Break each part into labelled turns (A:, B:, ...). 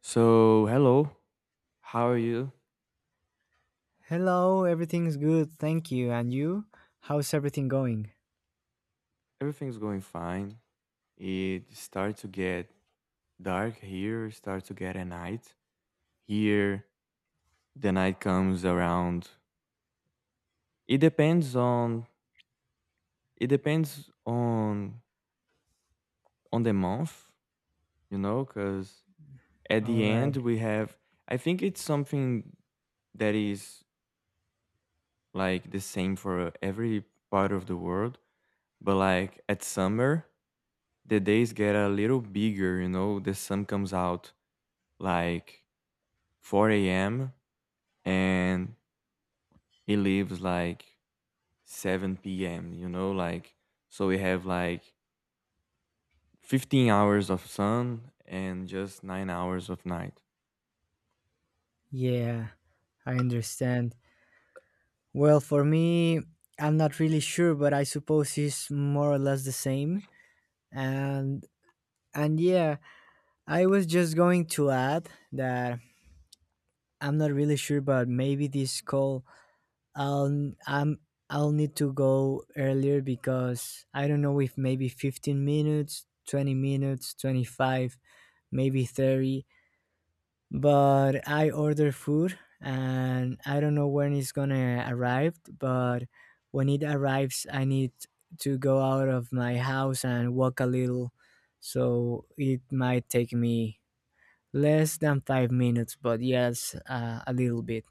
A: So, hello. How are you?
B: Hello, everything's good, thank you. And you? How's everything going?
A: Everything's going fine. It starts to get dark here, it starts to get a night. Here, the night comes around. It depends on it depends on on the month, you know, cuz at
B: All
A: the
B: right.
A: end we have I think it's something that is like the same for every part of the world, but like at summer the days get a little bigger, you know, the sun comes out like 4 a.m. and he leaves like 7 p.m. You know, like so we have like 15 hours of sun and just 9 hours of night.
B: Yeah, I understand. Well, for me, I'm not really sure, but I suppose it's more or less the same. And and yeah, I was just going to add that I'm not really sure, but maybe this call I'll I'm I'll need to go earlier because I don't know if maybe 15 minutes, 20 minutes, 25, maybe 30 but I order food and I don't know when it's gonna arrive, but when it arrives, I need to go out of my house and walk a little, so it might take me less than 5 minutes, but yes, a little bit.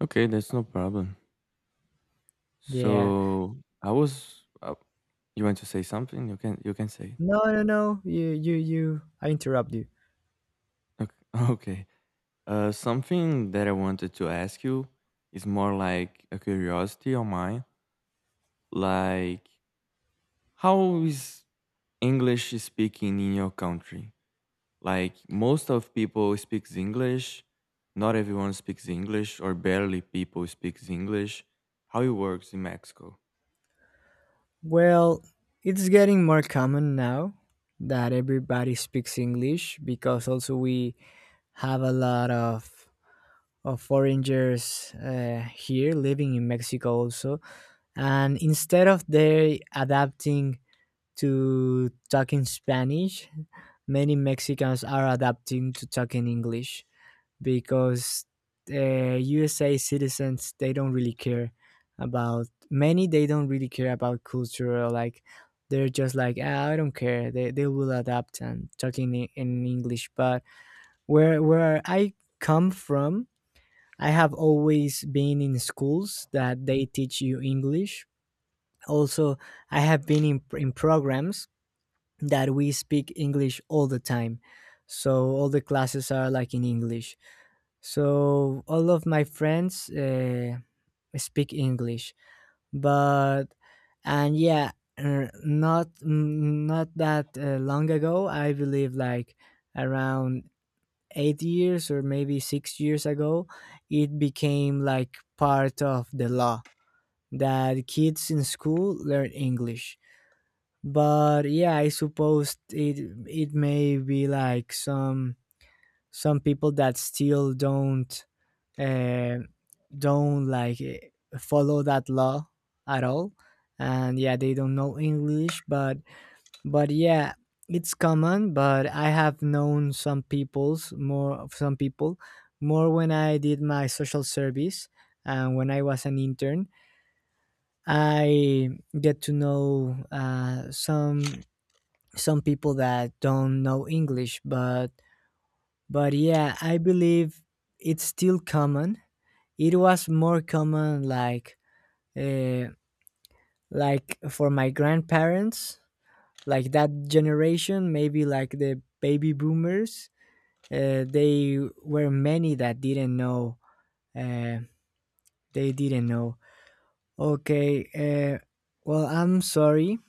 A: Okay, that's no problem.
B: Yeah.
A: So I was. You want to say something? You can. You can say it.
B: No, no, no. You. I interrupt you.
A: Okay. Okay. Something that I wanted to ask you is more like a curiosity of mine. Like, how is English speaking in your country? Like, most of people speaks English, not everyone speaks English, or barely people speaks English. How it works in Mexico?
B: Well, it's getting more common now that everybody speaks English because also we have a lot of foreigners here living in Mexico also. And instead of they adapting to talking Spanish, many Mexicans are adapting to talking English because USA citizens they don't really care about many they don't really care about culture or like they're just like ah, I don't care they will adapt and talking in English but where I come from I have always been in schools that they teach you English. Also, I have been in programs that we speak English all the time. So all the classes are like in English. So all of my friends speak English, but and yeah, not that long ago, I believe like around 8 years or maybe 6 years ago, it became like part of the law that kids in school learn English. But yeah, I suppose it it may be like some people that still uh, don't like follow that law at all, and yeah, they don't know English, but yeah it's common but I have known some people's more some people more when I did my social service and when I was an intern I get to know some people that don't know English but yeah I believe it's still common. It was more common uh, like for my grandparents, like that generation, maybe like the baby boomers. They were many that didn't know. Uh, they didn't know. Okay. Well, I'm sorry.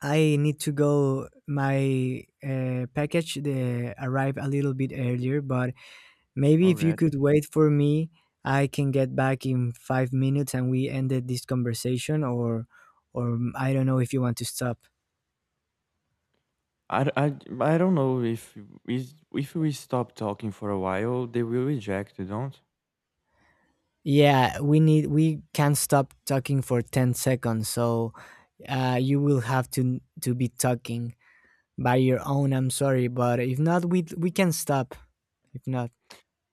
B: I need to go. My package arrived a little bit earlier, but maybe if you
A: Already,
B: could wait for me, I can get back in 5 minutes and we ended this conversation, or I don't know if you want to stop.
A: I don't know if we stop talking for a while they will reject you, don't...
B: Yeah, we need we can't stop talking for 10 seconds. So you will have to be talking by your own. I'm sorry, but if not we can stop. If not,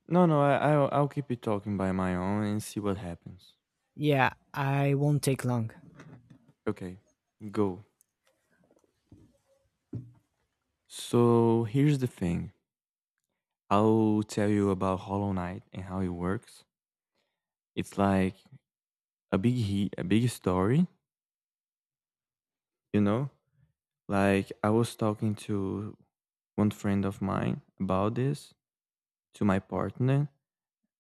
A: No, I'll keep it talking by my own and see what happens.
B: yeah, I won't take long.
A: Okay, go. So here's the thing, I'll tell you about Hollow Knight and how it works. It's like a big story, you know. Like, I was talking to one friend of mine about this, to my partner,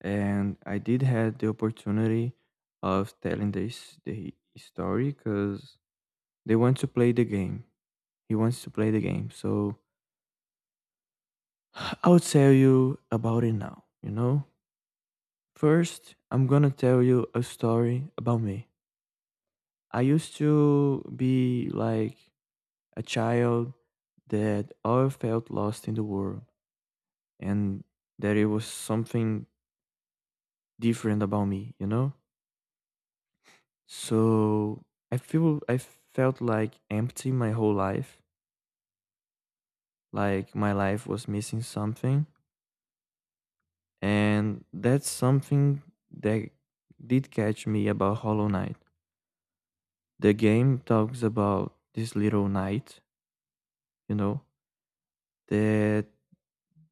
A: and I did had the opportunity of telling this the story because they want to play the game. He wants to play the game. So I'll tell you about it now, you know? First, I'm gonna tell you a story about me. I used to be like a child that all felt lost in the world. And that it was something different about me, you know? So I felt like empty my whole life, like my life was missing something, and that's something that did catch me about Hollow Knight. The game talks about this little knight, you know, that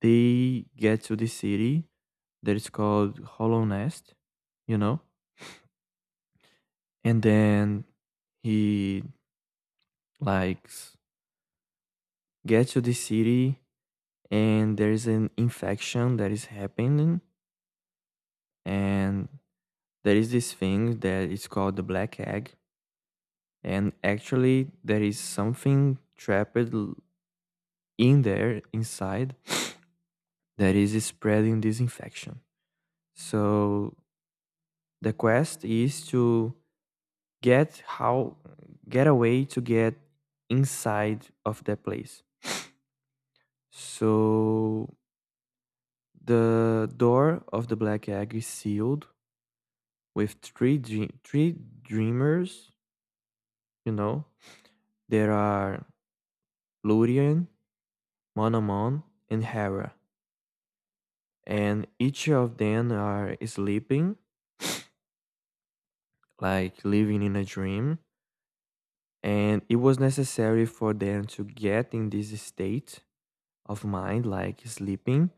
A: they get to the city that is called Hollow Nest, you know, and then he, like, get to the city and there is an infection that is happening, and there is this thing that is called the black egg, and actually there is something trapped in there inside that is spreading this infection. So the quest is to get how, get a way to get inside of that place. So the door of the black egg is sealed with three dreamers. You know, there are Lurian, Monomon, and Hera, and each of them are sleeping, like living in a dream. And it was necessary for them to get in this state of mind, like sleeping,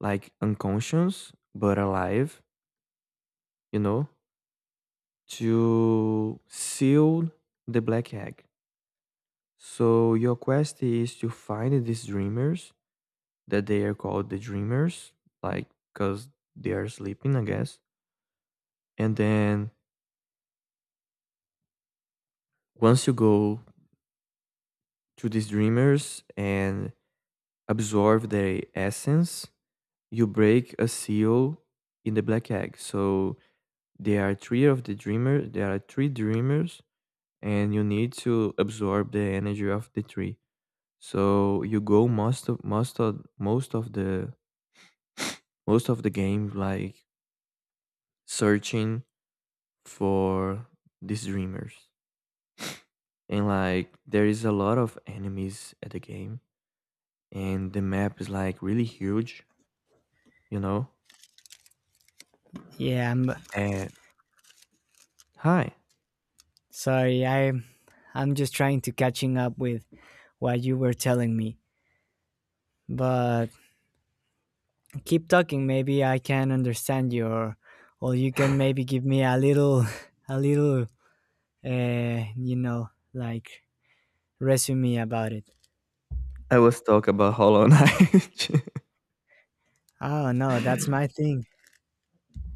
A: like unconscious but alive. You know, to seal the black egg. So your quest is to find these dreamers, that they are called the dreamers, like, because they are sleeping, I guess. And then once you go to these dreamers and absorb their essence, you break a seal in the black egg. So there are three of the dreamer. There are three dreamers, and you need to absorb the energy of the three. So you go most of the game like searching for these dreamers. And like there is a lot of enemies at the game and the map is like really huge, you know.
B: Yeah, I'm
A: And hi.
B: sorry. I'm just trying to catching up with what you were telling me. But keep talking, maybe I can understand you or you can maybe give me a little a little like resume about it.
A: I was talking about Hollow Knight.
B: Oh no, that's my thing.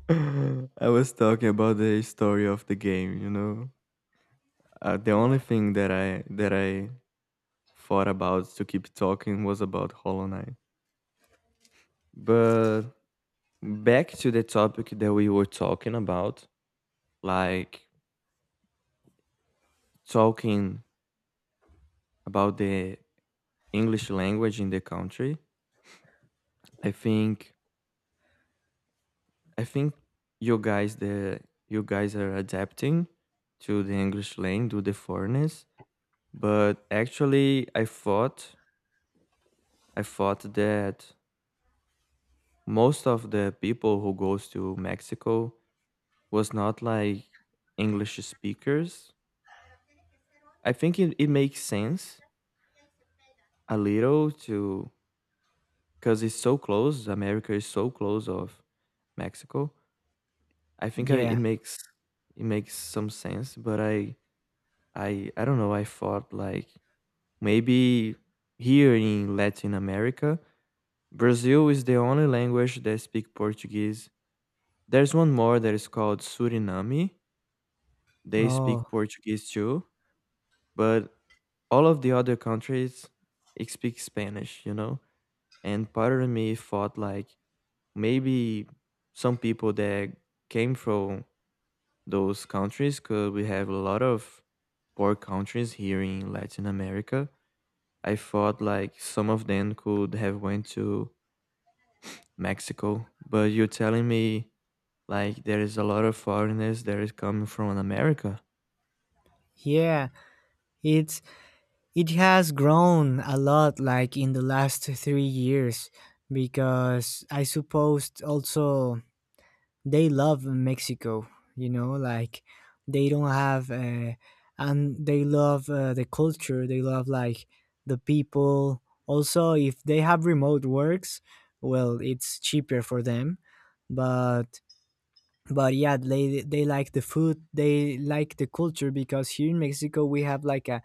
A: I was talking about the story of the game, you know. The only
B: Yeah.
A: thing that I thought about to keep talking was about Hollow Knight. But back to the topic that we were talking about, like, talking about the English language in the country. I think I think you guys, the, you guys are adapting to the English lane, to the foreigners. But actually, I thought that most of the people who goes to Mexico was not like English speakers. I think it makes sense a little to, because it's so close. America is so close of Mexico. I think I,
B: Yeah.
A: it makes some sense, but I don't know. I thought like maybe here in Latin America, Brazil is the only language that speak Portuguese. There's one more that is called Suriname. They speak
B: Oh,
A: Portuguese too, but all of the other countries it speak Spanish, you know? And part of me thought like maybe some people that came from those countries, because we have a lot of poor countries here in Latin America, I thought like some of them could have went to Mexico, but you're telling me like there is a lot of foreigners that is coming from America.
B: yeah. It's it has grown a lot, like in the last 3 years, because I suppose also they love Mexico. You know, like they don't have, and they love the culture. They love like the people. Also, if they have remote works, well, it's cheaper for them. But but yeah they like the food, they like the culture, because here in Mexico we have like a,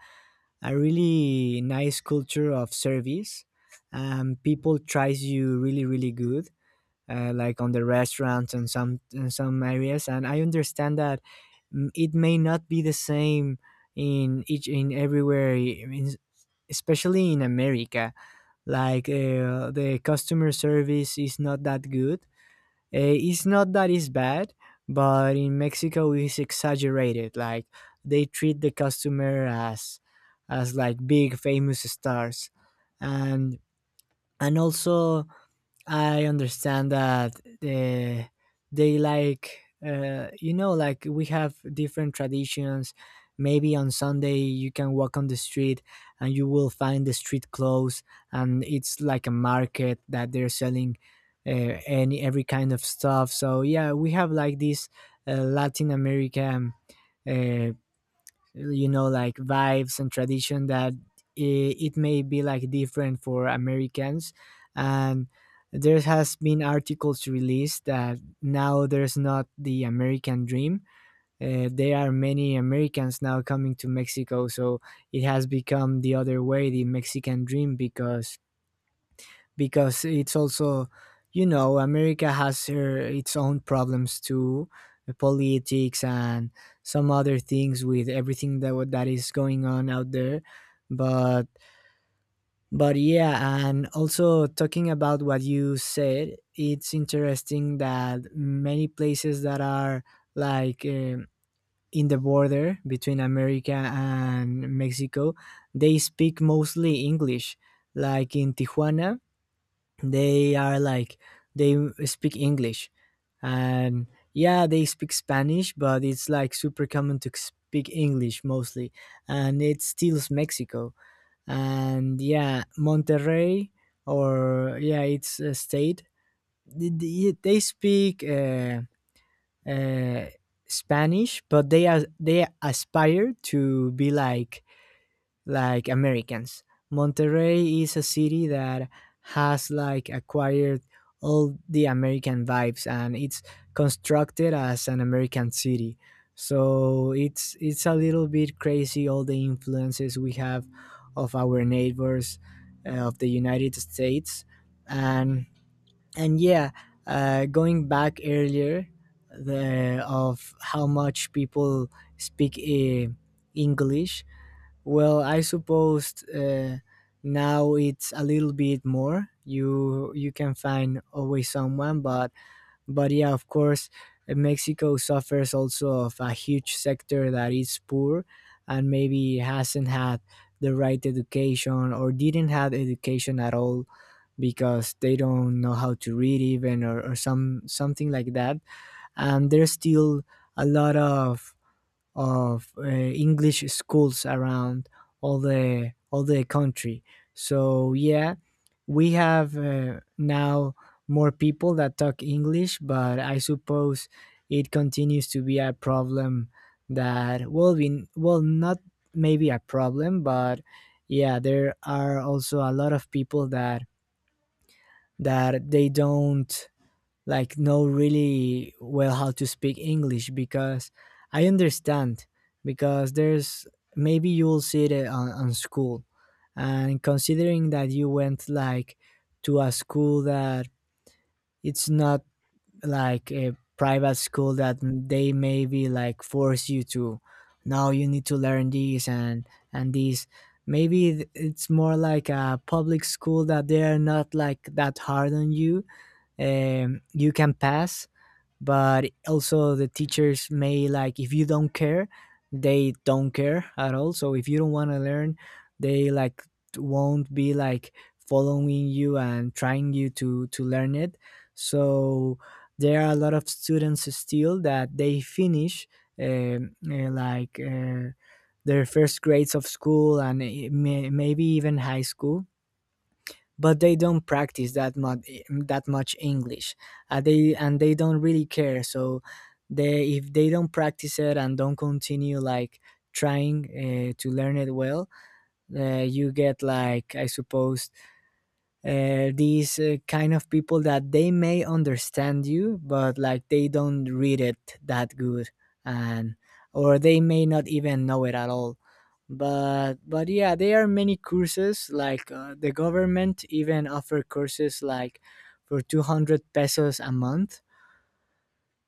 B: a really nice culture of service. People tries you really really good, like on the restaurants and some in some areas, and I understand that it may not be the same in everywhere. I mean, especially in America, like the customer service is not that good. Eh, it's not that it's bad, but in Mexico it's exaggerated. Like they treat the customer as like big famous stars, and and also I understand that they like, like we have different traditions. Maybe on Sunday you can walk on the street and you will find the street clothes, and it's like a market that they're selling any every kind of stuff. So yeah, we have like this Latin American uh, like vibes and tradition that it, it may be like different for Americans, and there has been articles released that now there's not the American dream. There are many Americans now coming to Mexico, so it has become the other way, the Mexican dream, because it's also, you know, America has its own problems too. Politics and some other things with everything that that is going on out there, but but yeah and also, talking about what you said, it's interesting that many places that are like in the border between America and Mexico, they speak mostly English. Like in Tijuana, they are like they speak English, and yeah, they speak Spanish, but it's like super common to speak English mostly. And it steals Mexico. And yeah, Monterrey, or yeah, it's a state. They speak uh, Spanish, but they are they aspire to be like Americans. Monterrey is a city that has like acquired all the American vibes, and it's constructed as an American city. So it's a little bit crazy, all the influences we have of our neighbors, of the United States. And and yeah, going back earlier, the of how much people speak English, well, I suppose now it's a little bit more. You can find always someone, but yeah, of course, Mexico suffers also of a huge sector that is poor, and maybe hasn't had the right education or didn't have education at all because they don't know how to read even, or some something like that. And there's still a lot of English schools around all the country. So yeah, we have now more people that talk English, but I suppose it continues to be a problem that will be, well, not maybe a problem, but yeah, there are also a lot of people that that they don't like know really well how to speak English because I understand, because there's maybe you will see it on school, and considering that you went like to a school that it's not like a private school that they maybe like force you to now you need to learn this, and this maybe it's more like a public school that they are not like that hard on you. You can pass, but also the teachers may like if you don't care they don't care at all, so if you don't want to learn, they like won't be like following you and trying you to learn it. So there are a lot of students still that they finish like their first grades of school and maybe even high school, but they don't practice that much, that much English. They don't really care. So they if they don't practice it and don't continue like trying to learn it well, you get like I suppose these kind of people that they may understand you but like they don't read it that good, and or they may not even know it at all. But yeah there are many courses, like the government even offer courses like for 200 pesos a month,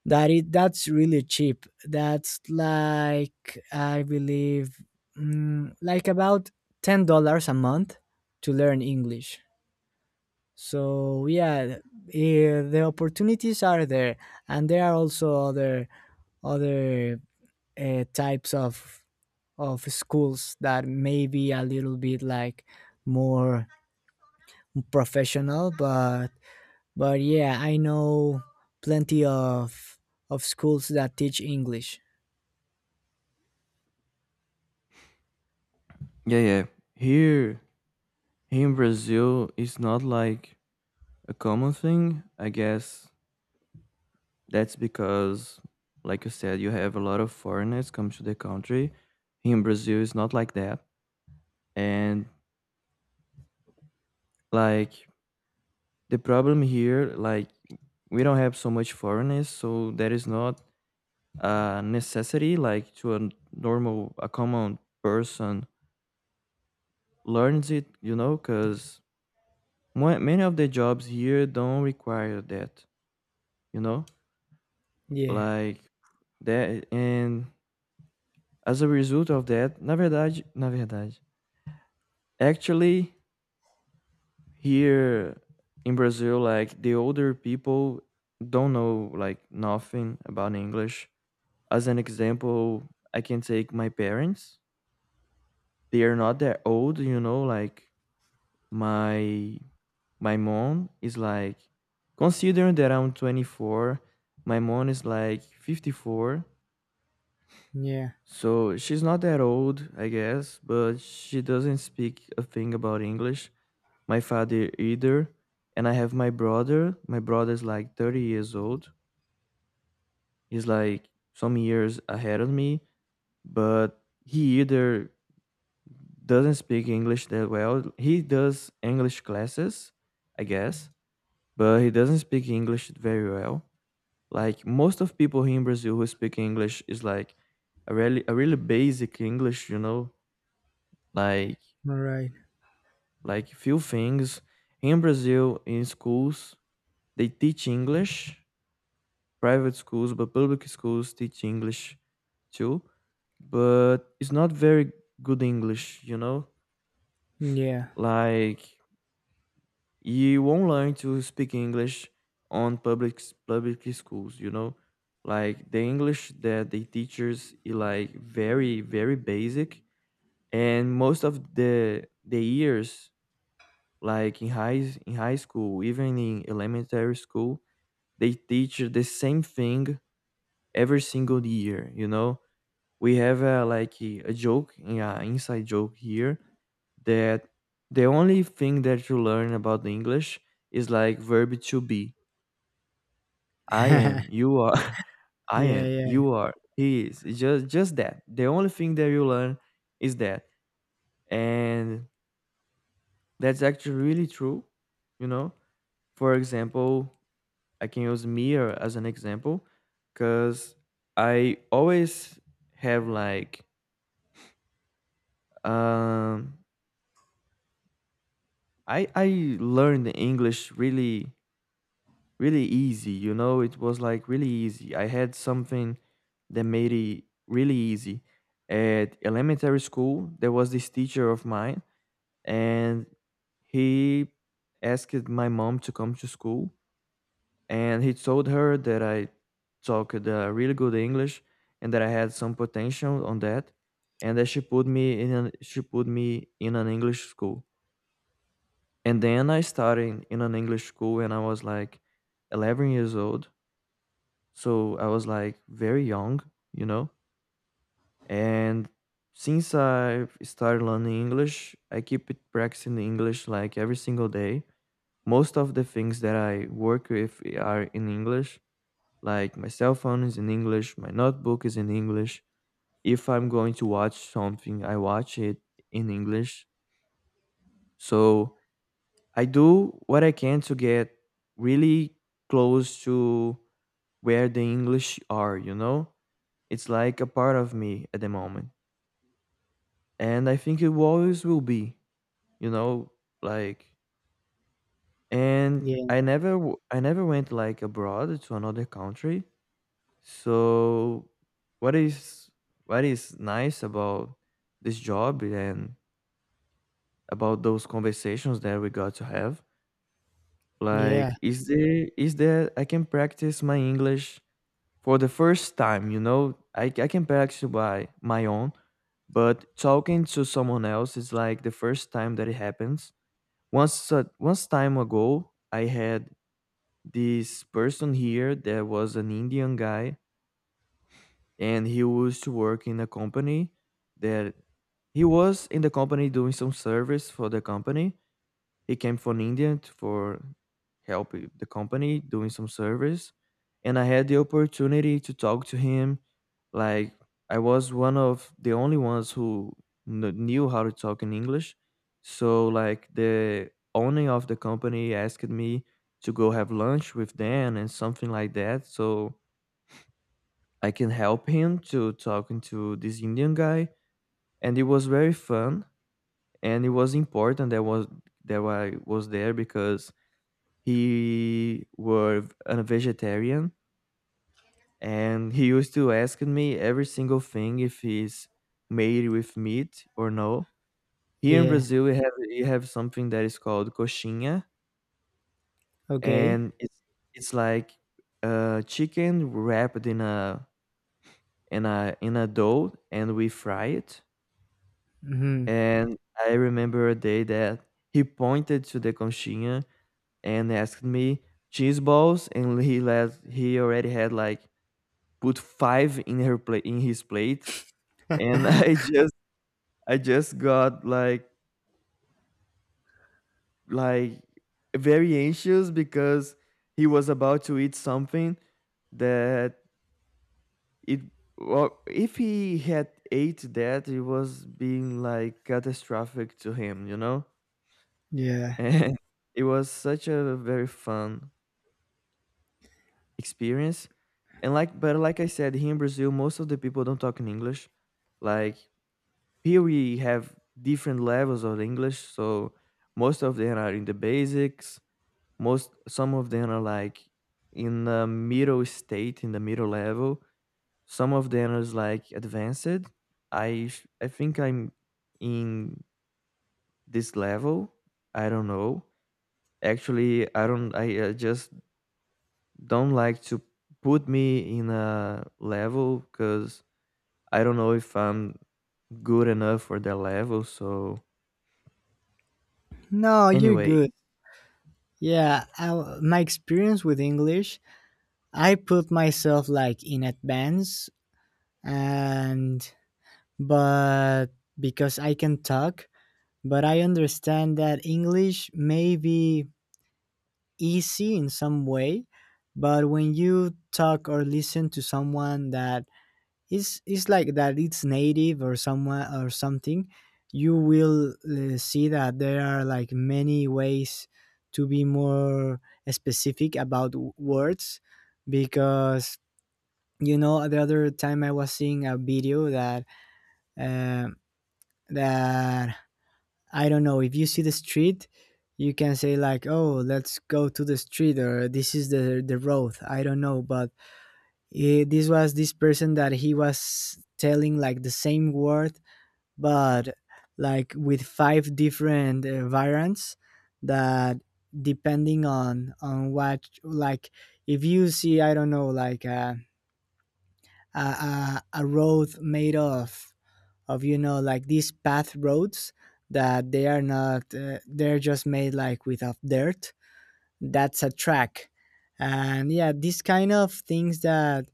B: that it that's really cheap. That's like I believe like about $10 a month to learn English. So yeah, eh, the opportunities are there, and there are also other types of schools that may be a little bit like more professional, but yeah, I know plenty of schools that teach English.
A: Yeah. Here, here in Brazil, it's not like a common thing. I guess that's because, like you said, you have a lot of foreigners come to the country. Here in Brazil, it's not like that, and like the problem here, like, we don't have so much foreigners, so there is not a necessity like to a normal a common person learns it, you know, because many of the jobs here don't require that, you know.
B: Yeah,
A: Like that, and as a result of that, na verdade na verdade, actually, here in Brazil, like the older people don't know like nothing about English. As an example, I can take my parents. They are not that old, you know, like my my mom is like considering that I'm 24, my mom is like 54.
B: yeah,
A: So she's not that old, I guess, but she doesn't speak a thing about English. My father either. And I have my brother. My brother's like 30 years old. He's like some years ahead of me, but he either doesn't speak English that well. He does English classes, I guess, but he doesn't speak English very well. Like most of people here in Brazil who speak English is like a really basic English, you know, like
B: all right.
A: like few things. Here in Brazil, in schools, they teach English, private schools, but public schools teach English too. But it's not very good English, you know?
B: Yeah,
A: Like you won't learn to speak English on public schools. You know, like the English that the teachers is like very very basic, and most of the years like in high school, even in elementary school, they teach the same thing every single year. You know, we have a, like a joke, yeah, inside joke here that the only thing that you learn about the English is like verb to be, I am, you are, I
B: yeah,
A: am,
B: yeah,
A: you are, he is. It's just that. The only thing that you learn is that. And that's actually really true, you know? For example, I can use Mir as an example cuz I always have like um I learned English really really easy, you know? It was like really easy. I had something that made it really easy. At elementary school, there was this teacher of mine, and he asked my mom to come to school, and he told her that I talked really good English and that I had some potential on that, and that she put me in an English school. And then I started in an English school, and I was like 11 years old. So I was like very young, you know. And since I started learning English, I keep it practicing English like every single day. Most of the things that I work with are in English, like my cell phone is in English, my notebook is in English. If I'm going to watch something, I watch it in English. So I do what I can to get really close to where the English are, you know? It's like a part of me at the moment. And I think it always will be, you know, like, and
B: yeah,
A: I never went like abroad to another country. So what is what is nice about this job and about those conversations that we got to have,
B: yeah,
A: like, is there is that I can practice my English for the first time, you know. I can actually buy my own, but talking to someone else is like the first time that it happens. Once, once time ago, I had this person here that was an Indian guy, and he used to work in a company that he was in the company doing some service for the company. He came from India for help with the company doing some service, and I had the opportunity to talk to him. Like I was one of the only ones who knew how to talk in English, so like the owner of the company asked me to go have lunch with Dan and something like that, so I can help him to talking to this Indian guy, and it was very fun and it was important that I was there because he were a vegetarian, and he used to ask me every single thing if it's made with meat or no. Here in
B: yeah.
A: Brazil, we have something that is called coxinha,
B: Okay.
A: and it's like chicken wrapped in a in a dough, and we fry it.
B: Mm-hmm.
A: And I remember a day that he pointed to the coxinha and asked me cheese balls, and he already had like put 5 in her plate in his plate, and I just got like very anxious because he was about to eat something that it well, if he had ate that, it was being like catastrophic to him, you know?
B: Yeah.
A: And it was such a very fun experience. And but like I said, here in Brazil, most of the people don't talk in English. Like here we have different levels of english, so most of them are in the basics, most some of them are like in the middle level, some of them is like advanced. I think I'm in this level. I don't know, actually. I don't, I just don't like to put me in a level because I don't know if I'm good enough for that level, so
B: No, you're
A: anyway.
B: good. Yeah, my experience with English, I put myself like in advance, and but because I can talk, but I understand that English may be easy in some way, but when you talk or listen to someone that it's like that it's native or somewhere or something, you will see that there are like many ways to be more specific about words, because you know the other time I was seeing a video that uh, that I don't know if you see the street, you can say like, oh, let's go to the street, or this is the road, I don't know, but this was this person that he was telling like the same word but like with five different variants that depending on what, like if you see I don't know like a a road made of like these path roads that they are not they're just made like with of dirt, that's a track. And yeah, these kind of things that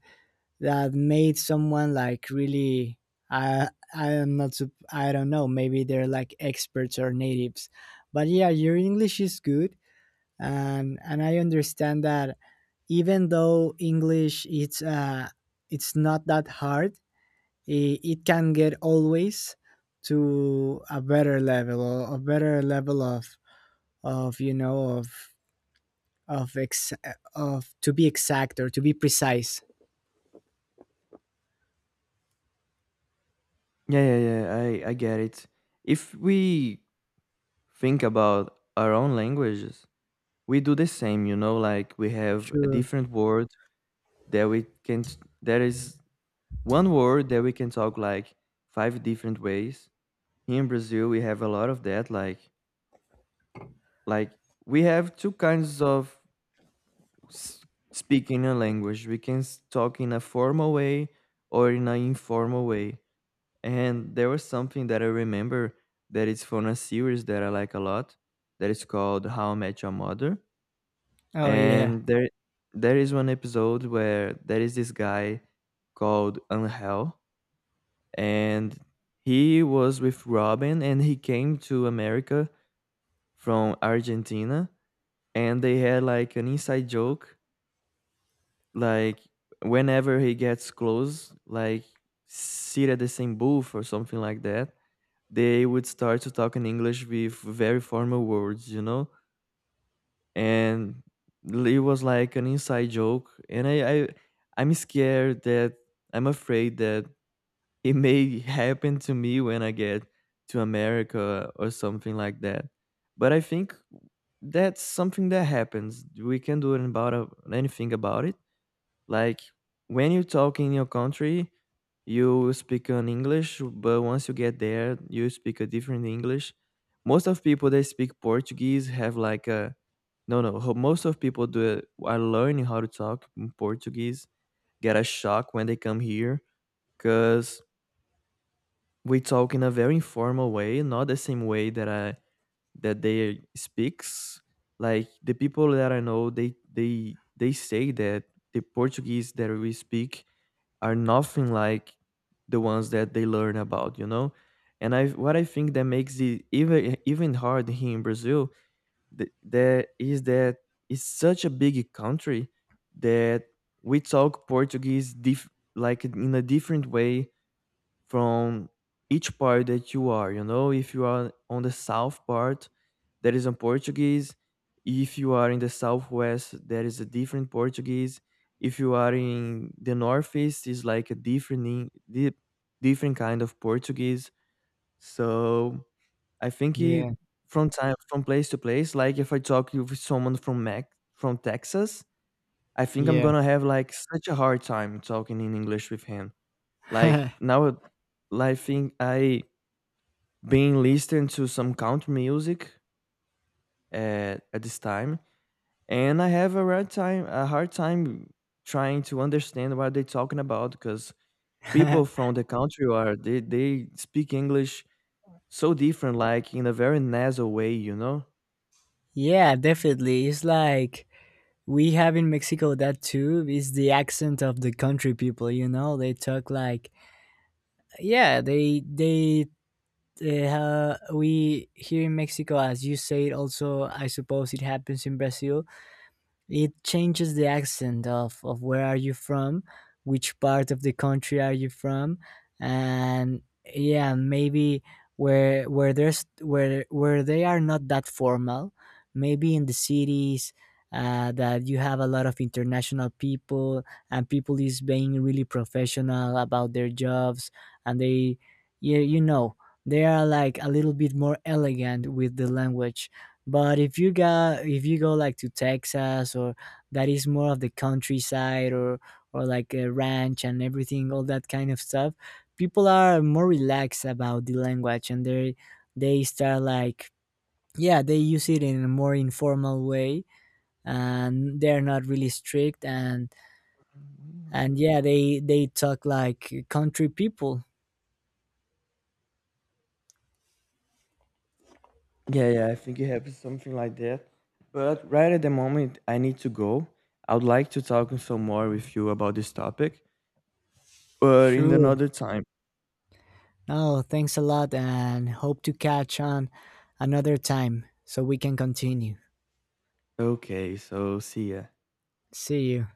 B: made someone like really, I am not I don't know, maybe they're like experts or natives, but yeah, your English is good, and I understand that even though English it's not that hard, it can get always to a better level, or a better level of you know of ex of to be exact, or to be precise.
A: Yeah, yeah, yeah. I get it. If we think about our own languages, we do the same, you know, like we have a
B: Sure.
A: different word that there is one word that we can talk like 5 different ways. Here in Brazil, we have a lot of that. Like, we have two kinds of s- speaking a language. We can talk in a formal way or in an informal way. And there was something that I remember that it's from a series that I like a lot that is called How I Met Your Mother.
B: Oh yeah.
A: And there is one episode where there is this guy called Angel and he was with Robin and he came to America from Argentina, and they had like an inside joke, like whenever he gets close, like sit at the same booth or something like that, they would start to talk in English with very formal words, you know? And it was like an inside joke. And I, I'm scared that I'm afraid that it may happen to me when I get to America or something like that. But I think that's something that happens. We can do it about anything about it, like when you talk in your country, you speak an English, but once you get there, you speak a different English. Most of people that speak Portuguese have like a no no. Most of people do are learning how to talk in Portuguese. Get a shock when they come here, cause we talk in a very informal way, not the same way that I that they speaks. Like the people that I know, they say that the Portuguese that we speak are nothing like the ones that they learn about, you know? And I think that makes it even hard here in Brazil that is that it's such a big country that we talk like in a different way from each part that you are. You know, if you are on the south part, there is a Portuguese. If you are in the southwest, there is a different Portuguese. If you are in the northeast, is like a different different kind of Portuguese. So I think he,
B: Yeah.
A: from time from place to place, like if I talk with someone from Mac from Texas, I think I'm
B: Yeah.
A: gonna have like such a hard time talking in English with him like now, I think I been listening to some country music at this time, and I have a hard time trying to understand what they're talking about because people from the country are they speak English so different, like in a very nasal way, you know.
B: Yeah, definitely. It's like we have in Mexico, that too, is the accent of the country people, you know? They talk like yeah, they we here in Mexico, as you say, it also, I suppose, it happens in Brazil. It changes the accent of where are you from, which part of the country are you from, and yeah, maybe where there's where they are not that formal, maybe in the cities that you have a lot of international people, and people is being really professional about their jobs and they you, you know they are like a little bit more elegant with the language. But if you go like to Texas, or that is more of the countryside, or like a ranch and everything, all that kind of stuff, people are more relaxed about the language and they start like yeah, they use it in a more informal way, and they're not really strict. And yeah, they talk like country people.
A: Yeah, yeah, I think it happens something like that. But right at the moment, I need to go. I would like to talk some more with you about this topic, but in
B: Sure.
A: another time.
B: Oh, thanks a lot, and hope to catch on another time so we can continue.
A: Okay, so see ya.
B: See you.